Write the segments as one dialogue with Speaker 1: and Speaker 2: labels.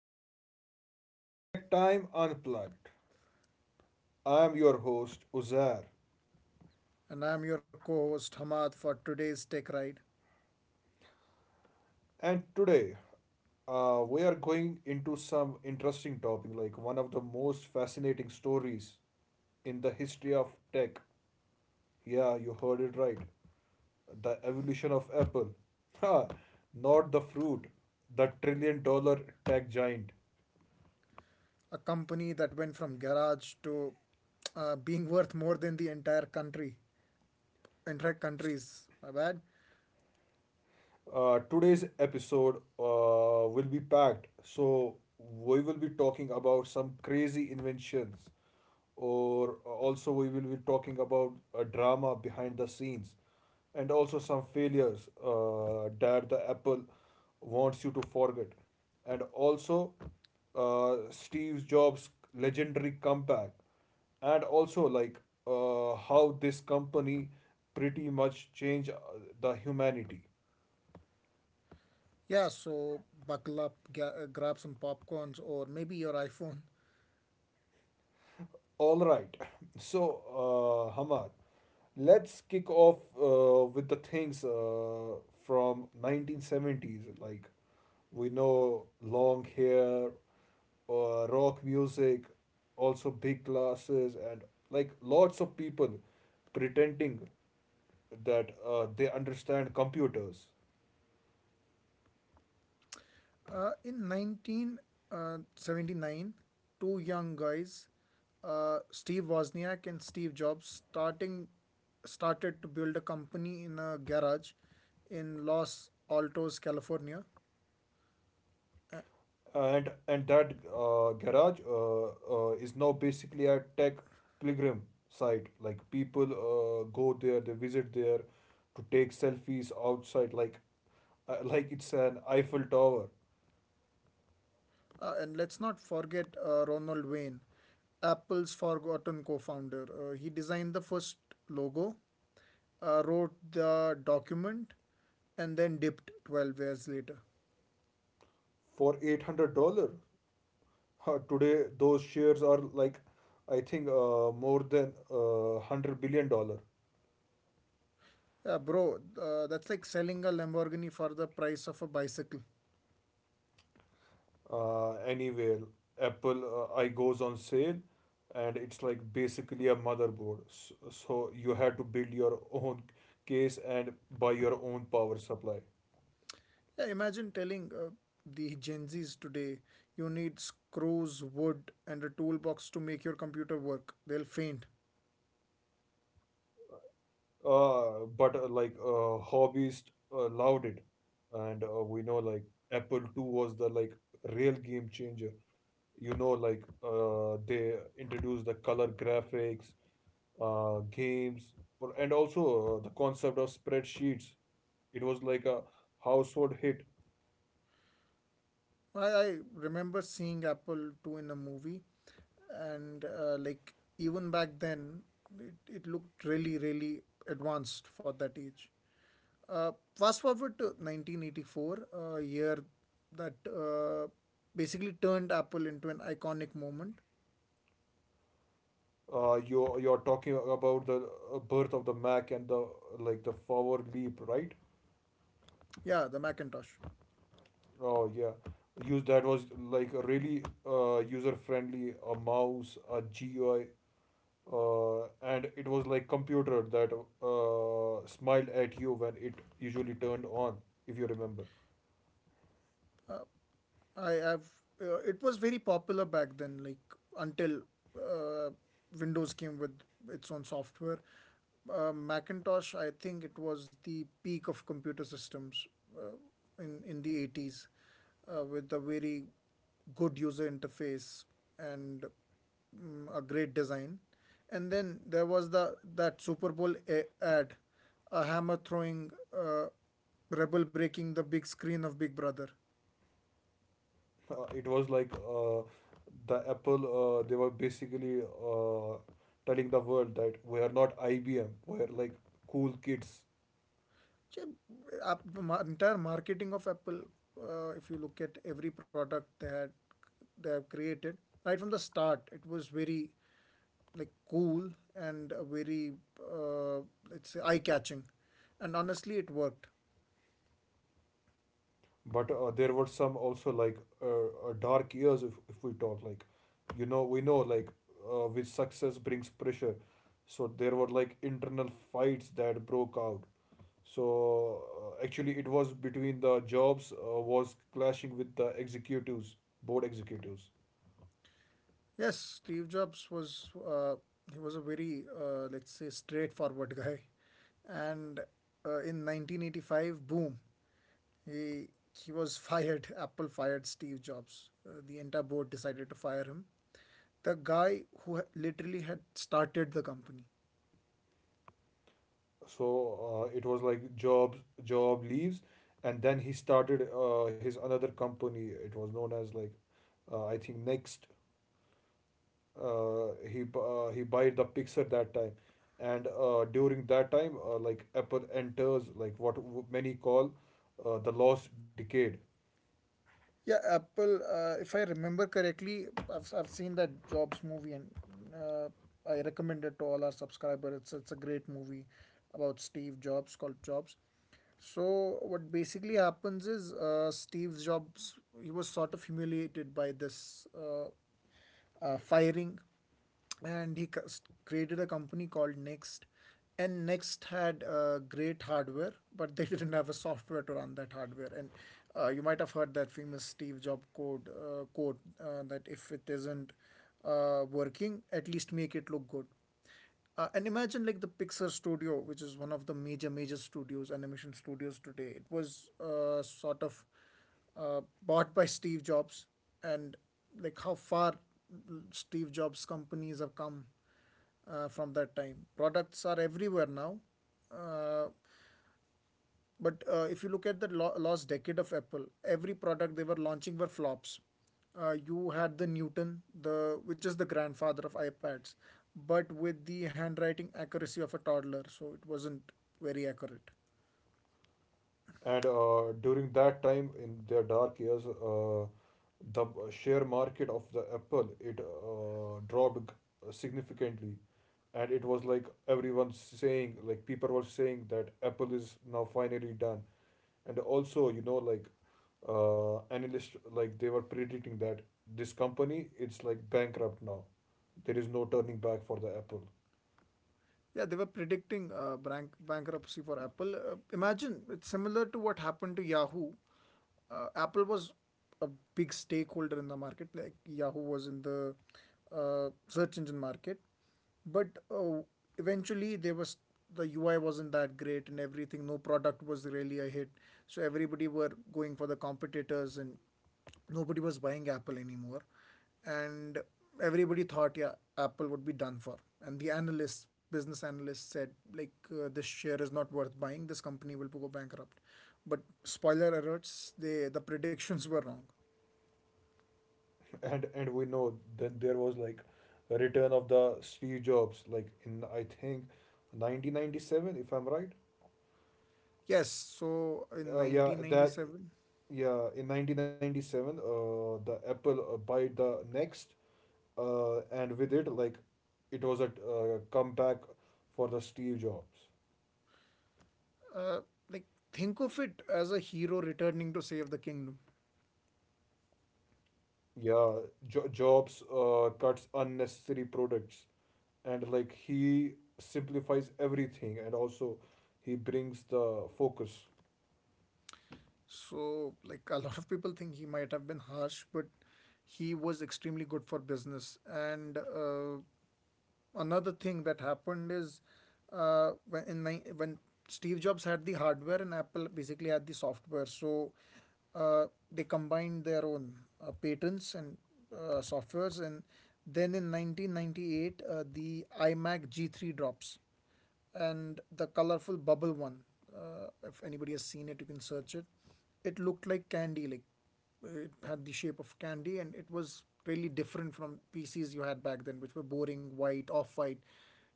Speaker 1: everyone, to Tech Time Unplugged. I am your host, Uzair,
Speaker 2: And I'm your co host Hamad for today's Tech Ride.
Speaker 1: and today we are going into some interesting topic like one of the most fascinating stories in the history of tech. Yeah, you heard it right. The evolution of Apple. Ha! Not the fruit, the trillion dollar tech giant.
Speaker 2: A company that went from garage to being worth more than the entire country, entire countries. My bad.
Speaker 1: Today's episode will be packed, so we will be talking about some crazy inventions, or also we will be talking about a drama behind the scenes, and also some failures that the Apple wants you to forget, and also Steve Jobs' legendary comeback, and also, like, how this company pretty much changed the humanity.
Speaker 2: Yeah, so buckle up, grab some popcorns or maybe your iPhone.
Speaker 1: All right. So, Hamad, let's kick off with the things from 1970s. Like, we know, long hair, rock music, also big glasses, and like lots of people pretending that they understand computers.
Speaker 2: In 1979, two young guys, Steve Wozniak and Steve Jobs, starting started to build a company in a garage in Los Altos, California.
Speaker 1: And that garage is now basically a tech pilgrim site, like people go there, they visit there to take selfies outside, like it's an Eiffel Tower,
Speaker 2: And let's not forget Ronald Wayne, Apple's forgotten co founder. He designed the first logo, wrote the document, and then dipped 12 years later.
Speaker 1: for $800. Today those shares are, like, I think more than $100 billion.
Speaker 2: Yeah, bro, that's like selling a Lamborghini for the price of a bicycle.
Speaker 1: Anywhere, Apple I goes on sale, and it's like basically a motherboard, so you had to build your own case and buy your own power supply.
Speaker 2: Yeah, imagine telling the Gen Zs today you need screws, wood, and a toolbox to make your computer work. They'll faint.
Speaker 1: But like hobbyists loved it, and we know, like Apple two was, the like real game changer. You know, like they introduced the color graphics, games, and also the concept of spreadsheets. It was like a household hit.
Speaker 2: I remember seeing Apple 2 in a movie, and like even back then, it looked really, really advanced for that age. Fast forward to 1984, a year that basically turned Apple into an iconic moment.
Speaker 1: You're talking about the birth of the Mac and the forward leap, right?
Speaker 2: Yeah, the Macintosh.
Speaker 1: Oh yeah, use that was like a really user friendly. A mouse, a GUI, uh, and it was like computer that smiled at you when it usually turned on, if you remember.
Speaker 2: I have. It was very popular back then, like until uh, Windows came with its own software. Macintosh, I think it was the peak of computer systems in the 80s, with a very good user interface and a great design. And then there was the that Super Bowl ad, a hammer throwing uh, rebel breaking the big screen of Big Brother.
Speaker 1: It was like, the Apple, they were basically uh, telling the world that we are not IBM, we are like cool kids.
Speaker 2: Ch- app- Entire marketing of Apple, if you look at every product they had, they have created, right from the start, it was very like cool, and very, uh, let's say eye catching, and honestly, it worked.
Speaker 1: But there were some also like dark years, if we talk, like, we know, like with success brings pressure. So there were like internal fights that broke out. So actually, it was between the Jobs was clashing with the executives, board executives.
Speaker 2: Yes, Steve Jobs was a very, let's say, straightforward guy, and in 1985, boom, he he was fired. Apple fired Steve Jobs. The entire board decided to fire him. The guy who literally had started the company.
Speaker 1: So it was like jobs job leaves, and then he started his another company, it was known as like, I think, Next. He bought the Pixar that time, and during that time, like Apple enters, like what many call the lost decade.
Speaker 2: Yeah, Apple, if I remember correctly, I've seen that Jobs movie, and uh, I recommend it to all our subscribers. It's a great movie about Steve Jobs called Jobs. So, what basically happens is, Steve Jobs, he was sort of humiliated by this, firing, and he created a company called Next. And Next had great hardware, but they didn't have a software to run that hardware. And you might have heard that famous Steve Jobs quote, that if it isn't working, at least make it look good. And imagine, like, the Pixar studio, which is one of the major studios, animation studios today. It was sort of bought by Steve Jobs. And like how far Steve Jobs companies have come, from that time products are everywhere now. Uh, but uh, if you look at the last decade of Apple, every product they were launching were flops. You had the Newton, the which is the grandfather of iPads, but with the handwriting accuracy of a toddler, so it wasn't very accurate.
Speaker 1: And during that time, in their dark years, the share market of the Apple, it dropped significantly, and it was like everyone saying, like people were saying, that Apple is now finally done, and also, like analysts, like they were predicting that this company, it's like bankrupt now, there is no turning back for the Apple.
Speaker 2: Yeah, they were predicting, bankruptcy for Apple. Imagine it's similar to what happened to Yahoo. Apple was a big stakeholder in the market, like Yahoo was in the search engine market. But eventually, the UI wasn't that great and everything. No product was really a hit, so everybody were going for the competitors, and nobody was buying Apple anymore, and everybody thought, yeah, Apple would be done for. And the analysts, business analysts, said, like, this share is not worth buying, this company will go bankrupt. But spoiler alerts, the predictions were wrong.
Speaker 1: And we know that there was, like, a return of the Steve Jobs, like in, I think, 1997, if I'm right.
Speaker 2: Yes, so in
Speaker 1: uh, yeah that
Speaker 2: 1997,
Speaker 1: yeah in 1997, the Apple bought the Next, and with it, like, it was a comeback for the Steve Jobs.
Speaker 2: uh, like, think of it as a hero returning to save the kingdom.
Speaker 1: Yeah, Jobs cuts unnecessary products, and, like, he simplifies everything, and also he brings the focus.
Speaker 2: So, like, a lot of people think he might have been harsh, but he was extremely good for business. And another thing that happened is, when Steve Jobs had the hardware and Apple basically had the software, so uh, they combined their own patents and softwares, and then in 1998, the iMac G3 drops, and the colorful bubble one. If anybody has seen it, you can search it. It looked like candy, like it had the shape of candy, and it was really different from PCs you had back then, which were boring, white, off white,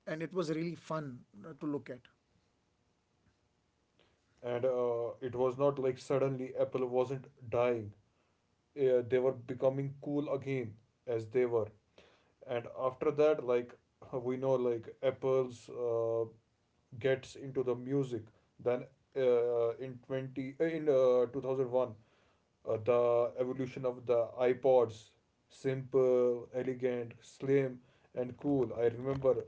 Speaker 2: and it was really fun to look at.
Speaker 1: And it was not like suddenly Apple wasn't dying, they were becoming cool again, as they were. And after that, like, we know, like Apple's gets into the music. Then in 2001 the evolution of the iPods, simple, elegant, slim, and cool. I remember,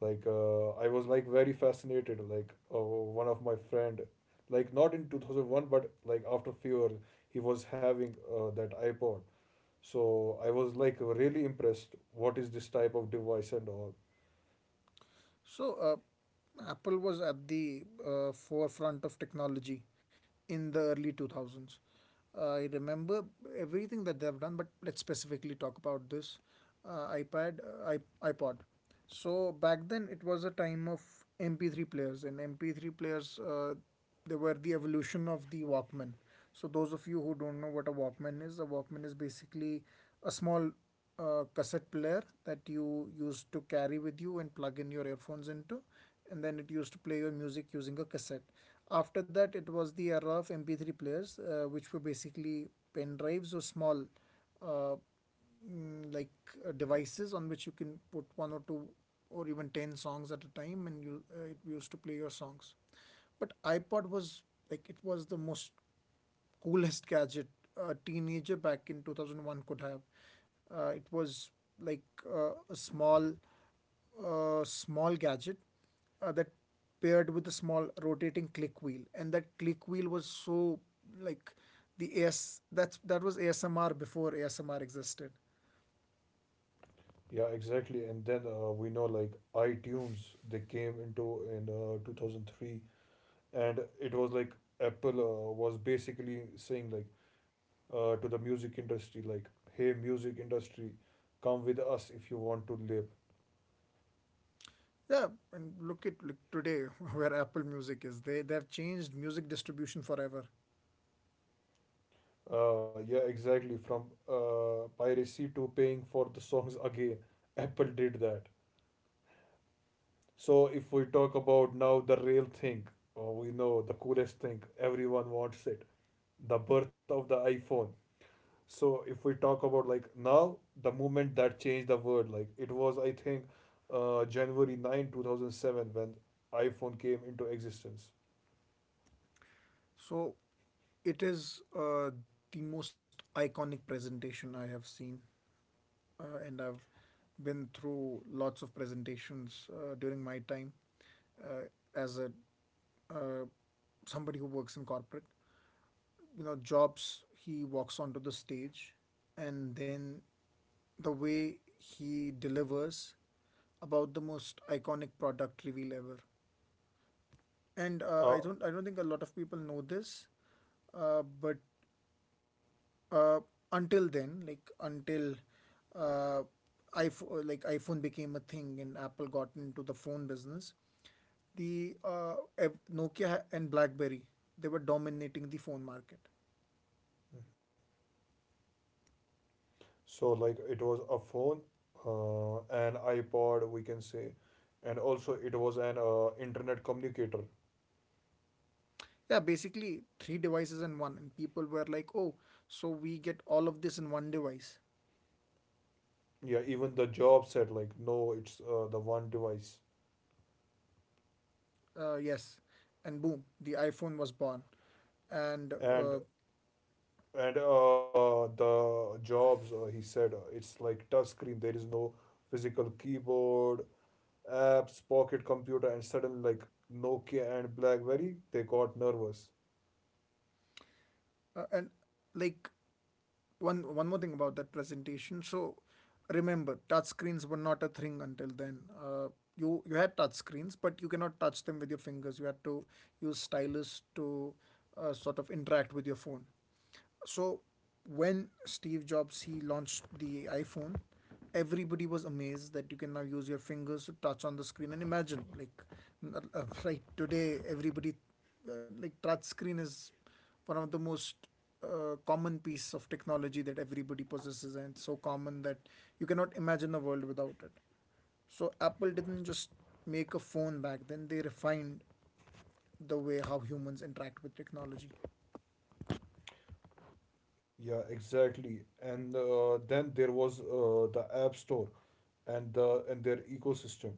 Speaker 1: like, I was, like, very fascinated. Like, one of my friend, like, not in 2001, but like after few years, he was having that iPod. So I was like really impressed. What is this type of device and all?
Speaker 2: So, Apple was at the forefront of technology in the early 2000s. I remember everything that they have done, but let's specifically talk about this uh, iPad, iPod. So back then it was a time of MP3 players, and MP3 players, they were the evolution of the Walkman. So those of you who don't know what a Walkman is basically a small, cassette player that you used to carry with you and plug in your earphones into, and then it used to play your music using a cassette. After that, it was the era of MP3 players, which were basically pen drives or small, uh, mm, like devices on which you can put one or two or even 10 songs at a time, and you it used to play your songs. But iPod was, like, it was the most coolest gadget a teenager back in 2001 could have. It was like a small gadget that paired with a small rotating click wheel, and that click wheel was so, like, the AS that's that was ASMR before ASMR existed.
Speaker 1: Yeah, exactly. And then, we know, like iTunes. They came into, in 2003, and it was like Apple was basically saying, like, to the music industry, like, hey music industry, come with us if you want to live.
Speaker 2: Yeah, and look today where Apple Music is. They've changed music distribution forever.
Speaker 1: Yeah, exactly, from piracy to paying for the songs again, Apple did that. So if we talk about now the real thing, we know, the coolest thing everyone wants it, the birth of the iPhone. So if we talk about, like, now, the movement that changed the world, like, it was, I think, January 9 2007, when iPhone came into existence.
Speaker 2: So it is, the most iconic presentation I have seen, and I've been through lots of presentations during my time, uh, as a uh, somebody who works in corporate. You know, Jobs he walks onto the stage, and then the way he delivers about the most iconic product reveal ever. And uh, I
Speaker 1: uh,
Speaker 2: don't I don't think a lot of people know this, but uh, until then, like until, uh, iPhone became a thing and Apple got into the phone business. The Nokia and BlackBerry, they were dominating the phone market.
Speaker 1: so, like, it was a phone, an iPod we can say, and also it was an internet communicator.
Speaker 2: Yeah, basically three devices in one, and people were like, oh, so we get all of this in one device.
Speaker 1: Yeah, even the job said, like, no, it's the one device.
Speaker 2: Yes, and boom, the iPhone was born. and
Speaker 1: and
Speaker 2: uh,
Speaker 1: and uh, the Jobs, he said, it's like touch screen, there is no physical keyboard, apps, pocket computer, and suddenly, like, Nokia and BlackBerry, they got nervous.
Speaker 2: uh, and like one more thing about that presentation. So remember, touch screens were not a thing until then. You had touch screens, but you cannot touch them with your fingers. You had to use stylus to sort of interact with your phone. So when Steve Jobs he launched the iPhone, everybody was amazed that you can now use your fingers to touch on the screen. And imagine, like, right today, everybody, like, touch screen is one of the most common piece of technology that everybody possesses, and it's so common that you cannot imagine a world without it. So Apple didn't just make a phone back then, they refined the way how humans interact with technology.
Speaker 1: Yeah, exactly. And then there was the App Store, and the and their ecosystem.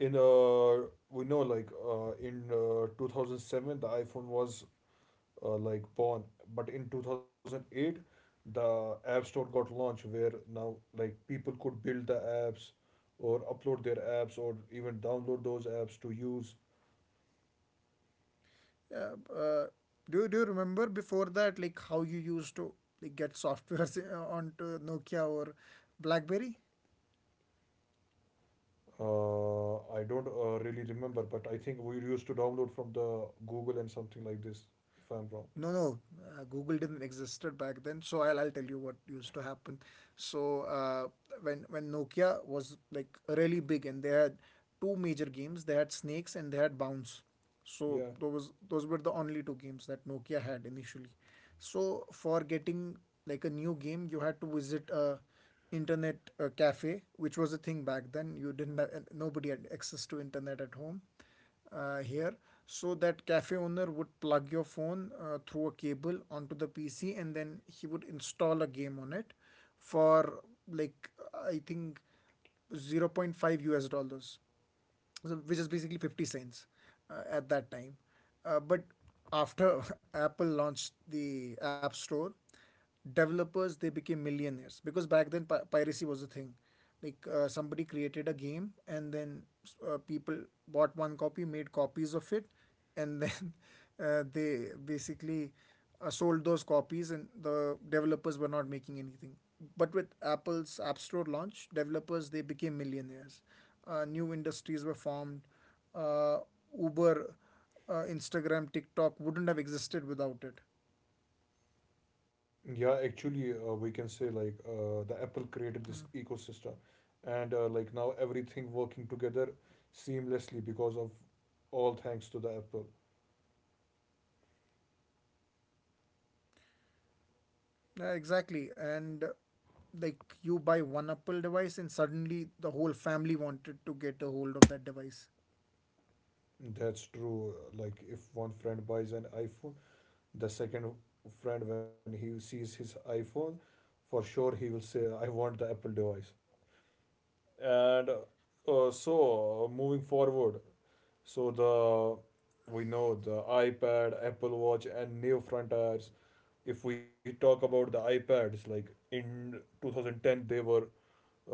Speaker 1: In we know, like, in 2007, the iPhone was like born, but in 2008, the App Store got launched, where now like people could build the apps or upload their apps or even download those apps to use.
Speaker 2: Yeah, do you remember before that, like, how you used to get softwares onto Nokia or BlackBerry?
Speaker 1: I don't really remember, but I think we used to download from the Google and something like this, if I'm wrong.
Speaker 2: No, no, Google didn't existed back then. So I'll tell you what used to happen. So when Nokia was, like, really big, and they had two major games, they had Snakes and they had Bounce. So
Speaker 1: Yeah.
Speaker 2: those were the only two games that Nokia had initially. So for getting, like, a new game, you had to visit a internet cafe, which was a thing back then. You didn't have, nobody had access to internet at home here. So that cafe owner would plug your phone through a cable onto the PC, and then he would install a game on it for, like, I think zero point 0.5 us dollars, so, which is basically 50 cents at that time. But after Apple launched the App Store, developers they became millionaires, because back then piracy was a thing. Like, somebody created a game, and then people bought one copy, made copies of it, and then they basically sold those copies, and the developers were not making anything. But with Apple's App Store launch, developers they became millionaires. New industries were formed. Uh, Uber, Instagram, TikTok wouldn't have existed without it.
Speaker 1: Yeah, actually, we can say, like, the Apple created this ecosystem, and like, now everything working together seamlessly because of, all thanks to the Apple.
Speaker 2: Yeah, exactly. And like you buy one Apple device, and suddenly the whole family wanted to get a hold of that device.
Speaker 1: That's true. Like, if one friend buys an iPhone, the second friend, when he sees his iPhone, for sure he will say, "I want the Apple device." And so, moving forward, so the we know, the iPad, Apple Watch, and new front tires. If we talk about the iPads, like in 2010,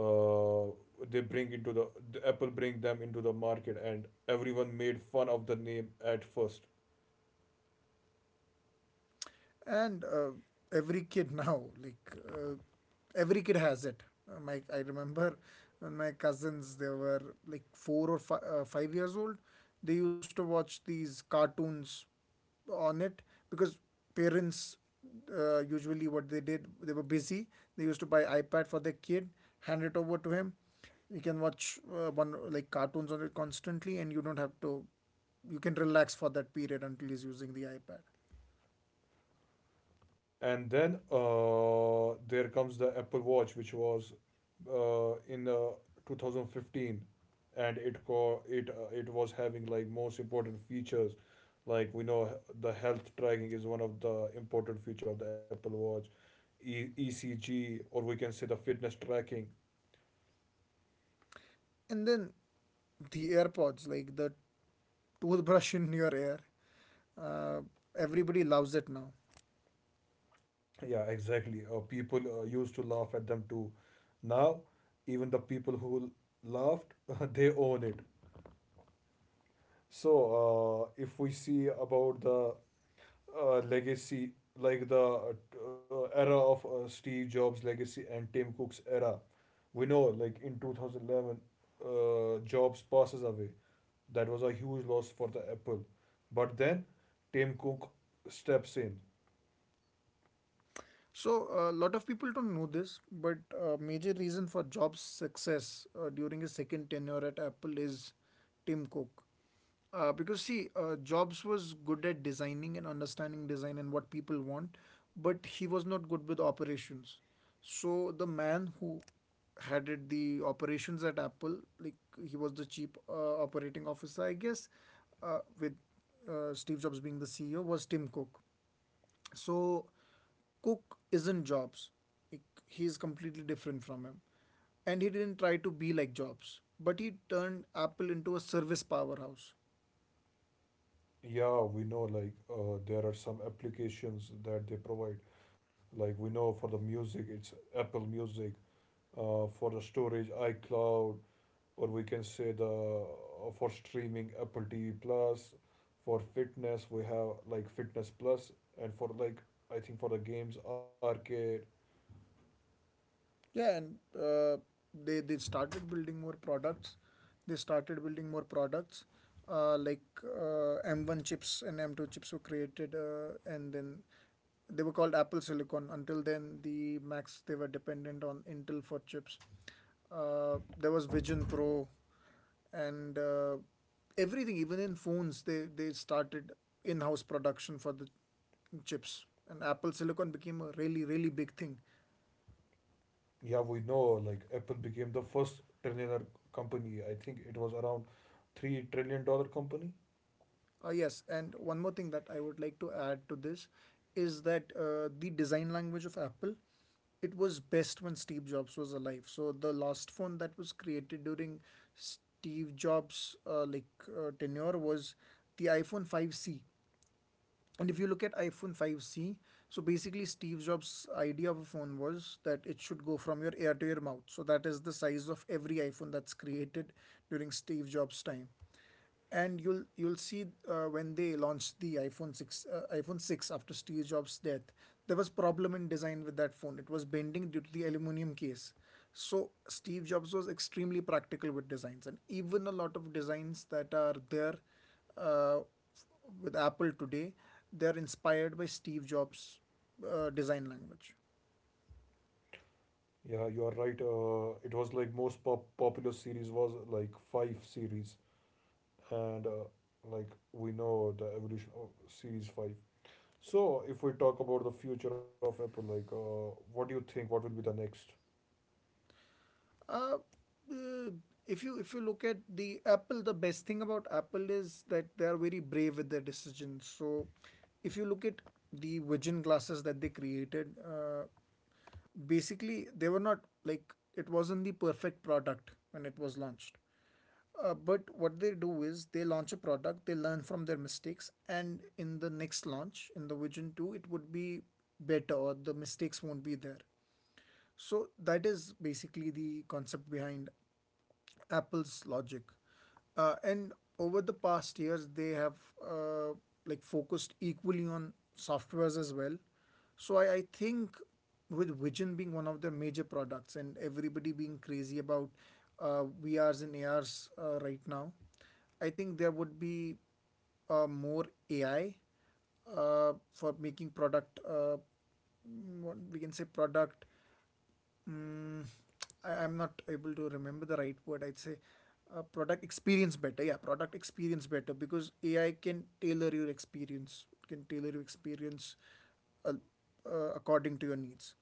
Speaker 1: uh, they bring into the Apple, bring them into the market, and everyone made fun of the name at first.
Speaker 2: And Every kid now uh, every kid has it. My I remember when my cousins, they were like 4 or 5 years old. They used to watch these cartoons on it because parents usually, what they did, they were busy. They used to buy ipad for their kid, hand it over to him. You can watch one like cartoons on it constantly, and you don't have to. You can relax for that period until he's using the ipad.
Speaker 1: And then there comes the Apple Watch, which was in 2015, and it co- it it was having like most important features. Like we know, the health tracking is one of the important feature of the Apple Watch, ECG, or we can say the fitness tracking.
Speaker 2: And then the AirPods, like the toothbrush in your ear, uh, everybody loves it now.
Speaker 1: Yeah, exactly. People used to laugh at them too. Now even the people who laughed they own it. So if we see about the legacy, like the era of Steve Jobs' legacy and Tim Cook's era. We know, like in 2011, Jobs passes away. That was a huge loss for the Apple. But then Tim Cook steps in.
Speaker 2: So a lot of people don't know this, but a major reason for Jobs' success during his second tenure at Apple is Tim Cook. Because see, Jobs was good at designing and understanding design and what people want, but he was not good with operations. So the man who headed the operations at Apple, like, he was the chief operating officer, I guess, with Steve Jobs being the CEO, was Tim Cook. So Cook isn't Jobs. Like, he's completely different from him. And he didn't try to be like Jobs, but he turned Apple into a service powerhouse.
Speaker 1: Yeah, we know, like there are some applications that they provide. Like, we know for the music, it's Apple Music. For the storage, iCloud, or we can say the, for streaming, Apple TV Plus. For fitness we have, like, Fitness Plus, and for, like, I think, for the games, Arcade.
Speaker 2: Yeah, and they started building more products. They started building more products, like M1 chips and M2 chips were created, and then they were called Apple Silicon. Until then, the Macs, they were dependent on Intel for chips. There was Vision Pro, and everything, even in phones, they started in-house production for the chips. And Apple Silicon became a really really big thing.
Speaker 1: Yeah, we know, like Apple became the first trillionaire company. I think it was around $3 trillion company.
Speaker 2: Yes, and one more thing that I would like to add to this is that the design language of Apple, it was best when Steve Jobs was alive. So the last phone that was created during Steve Jobs' tenure was the iPhone 5C. And if you look at iPhone 5C, so basically, Steve Jobs' idea of a phone was that it should go from your ear to your mouth. So that is the size of every iPhone that's created during Steve Jobs' time. And you'll see when they launched the iPhone 6, iPhone 6 after Steve Jobs' death, there was problem in design with that phone. It was bending due to the aluminum case. So Steve Jobs was extremely practical with designs, and even a lot of designs that are there uh, with Apple today, they are inspired by Steve Jobs' design language.
Speaker 1: Yeah, you are right, it was like most popular series was like 5 series, and like, we know the evolution of series 5. So, if we talk about the future of Apple, like, what do you think? What will be the next?
Speaker 2: Uh, uh, if you look at the Apple, the best thing about Apple is that they are very brave with their decisions. So, if you look at the vision glasses that they created, basically, they were not like it wasn't the perfect product when it was launched. But what they do is they launch a product, they learn from their mistakes, and in the next launch, in the Vision 2, it would be better, or the mistakes won't be there. So that is basically the concept behind Apple's logic. And over the past years, they have uh, like focused equally on softwares as well. So I think with Vision being one of their major products and everybody being crazy about VRs and ARs right now, I think there would be more AI for making product, what we can say, product mm, I'm not able to remember the right word. I'd say product experience better. Yeah, product experience better because AI can tailor your experience. It can tailor your experience uh, according to your needs.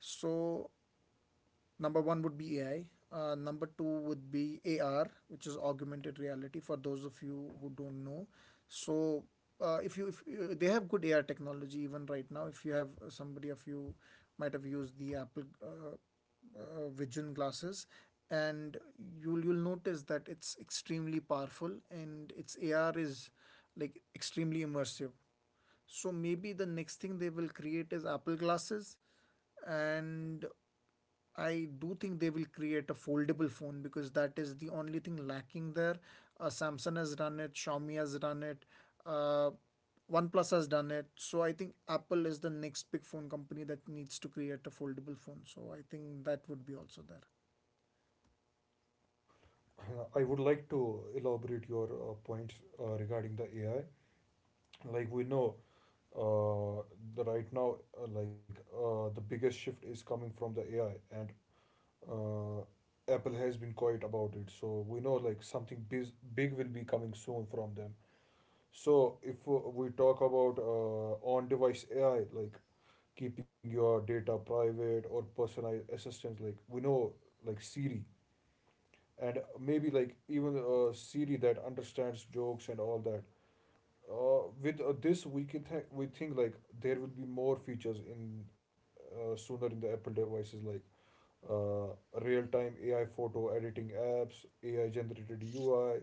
Speaker 2: So number one would be AI. Number two would be AR, which is augmented reality. For those of you who don't know, so if you if they have good AR technology even right now. If you have somebody of you might have used the Apple Vision glasses, and you'll notice that it's extremely powerful and its AR is like extremely immersive. So maybe the next thing they will create is Apple glasses, and I do think they will create a foldable phone because that is the only thing lacking there. Samsung has done it, Xiaomi has done it, uh, OnePlus has done it. So I think Apple is the next big phone company that needs to create a foldable phone. So I think that would be also there.
Speaker 1: I would like to elaborate your points regarding the AI. Like we know, uh, the right now, the biggest shift is coming from the AI, and uh, Apple has been quiet about it. So we know, like something, big will be coming soon from them. So, if we talk about on device AI, like keeping your data private, or personalized assistants, like we know, like Siri, and maybe like even Siri that understands jokes and all that. With this, we think like there will be more features in, sooner, in the Apple devices, like uh, real time AI photo editing apps, AI generated UI,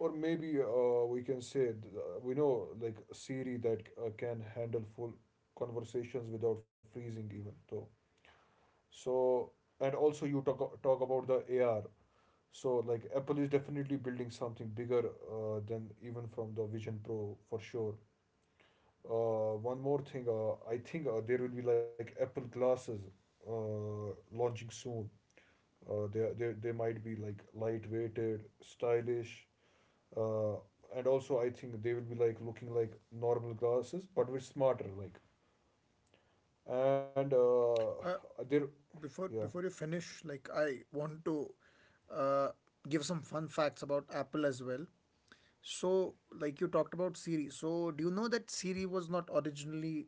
Speaker 1: or maybe we can say, we know, like Siri that can handle full conversations without freezing even though. So, and also, you talk about the AR. So, like, Apple is definitely building something bigger than even from the Vision Pro, for sure. One more thing, I think there will be like Apple glasses launching soon. They might be like lightweighted, stylish, uh, and also I think they will be like looking like normal glasses, but with smarter, like, and
Speaker 2: Uh,
Speaker 1: there. Yeah,
Speaker 2: before you finish, like, I want to uh, give some fun facts about Apple as well. So, like you talked about Siri. So, do you know that Siri was not originally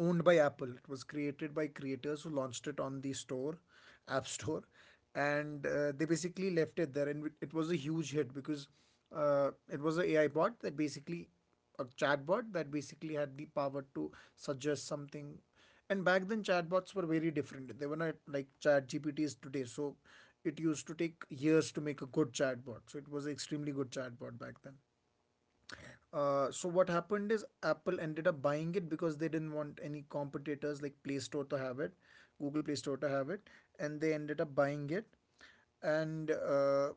Speaker 2: owned by Apple? It was created by creators who launched it on the store, App Store, and they basically left it there. And it was a huge hit because it was an AI bot that basically, a chatbot that basically had the power to suggest something. And back then, chatbots were very different. They were not like chat GPTs today. So it used to take years to make a good chatbot. So it was an extremely good chatbot back then. So what happened is Apple ended up buying it because they didn't want any competitors like Play Store to have it, Google Play Store to have it, and they ended up buying it, and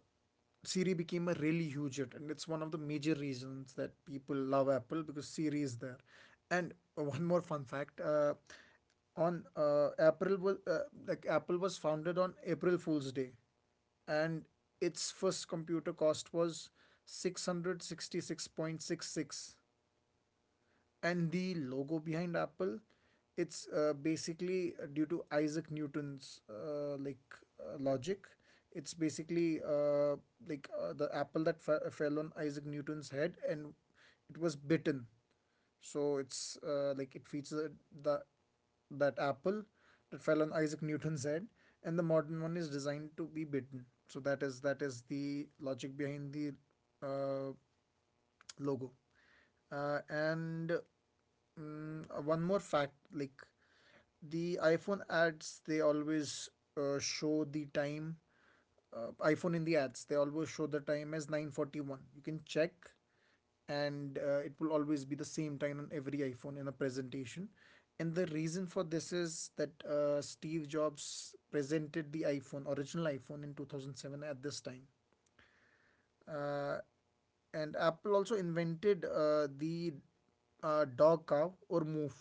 Speaker 2: Siri became a really huge hit, and it's one of the major reasons that people love Apple, because Siri is there. And one more fun fact: on April was like, Apple was founded on April Fool's Day, and its first computer cost was 666.66. And the logo behind apple, it's basically due to isaac newton's logic. It's basically the apple that fell on isaac newton's head and it was bitten. So it's like, it featured the that apple that fell on Isaac Newton's head, and the modern one is designed to be bitten. So that is the logic behind the uh, logo. And one more fact, like, the iPhone ads, they always show the time iPhone in the ads, they always show the time as 9:41. You can check, and it will always be the same time on every iPhone in a presentation. And the reason for this is that Steve Jobs presented the iPhone, original iPhone, in 2007 at this time. Uh, and Apple also invented the dog cow or move,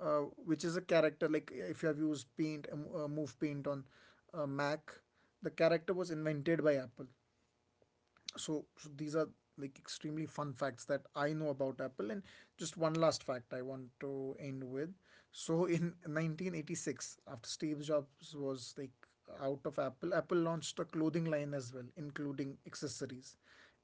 Speaker 2: which is a character, like if you have used paint, move paint on Mac, the character was invented by Apple. So, so these are like extremely fun facts that I know about Apple. And just one last fact I want to end with. So in 1986, after Steve Jobs was like out of Apple, Apple launched a clothing line as well, including accessories,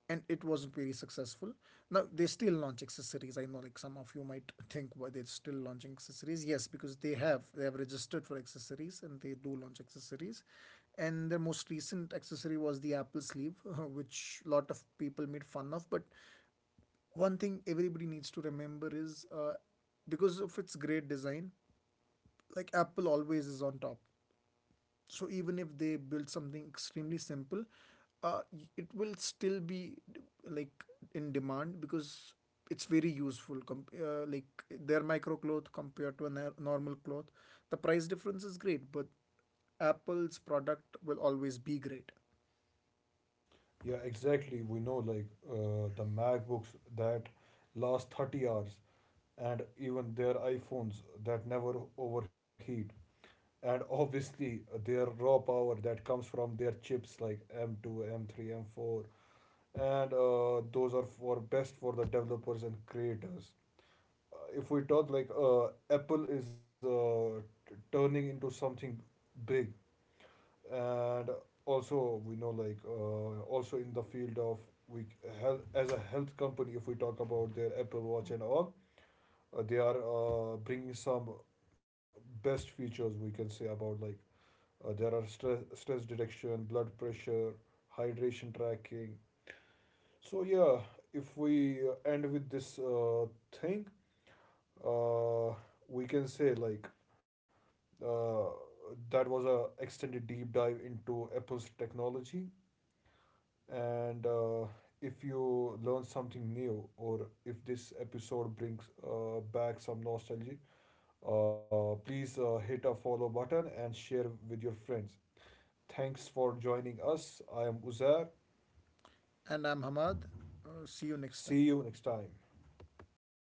Speaker 2: and it wasn't very successful. Now they still launch accessories. I know like some of you might think why they're still launching accessories. Yes, because they have registered for accessories and they do launch accessories. And their most recent accessory was the Apple Sleeve, which a lot of people made fun of. But one thing everybody needs to remember is because of its great design, like, Apple always is on top. So even if they build something extremely simple, uh, it will still be like in demand because it's very useful. Like, their micro cloth compared to a normal cloth, the price difference is great, but apple's product will always be great.
Speaker 1: yeah, exactly, we know, like the MacBooks that last 30 hours, and even their iPhones that never overheat, and obviously their raw power that comes from their chips like M2 M3 M4, and those are for best for the developers and creators. If we talk, like, Apple is turning into something big. And also we know, like also in the field of, we, health as a health company. If we talk about their Apple Watch and all, they are bringing some best features, we can say, about, like, there are, stress detection, blood pressure, hydration tracking. So yeah, if we end with this thing, uh, we can say, like, uh, that was a extended deep dive into Apple's technology. And if you learn something new, or if this episode brings back some nostalgia, please hit a follow button and share with your friends. Thanks for joining us. I am Uzair.
Speaker 2: And I'm Hamad. See you next
Speaker 1: See
Speaker 2: time.
Speaker 1: you next time.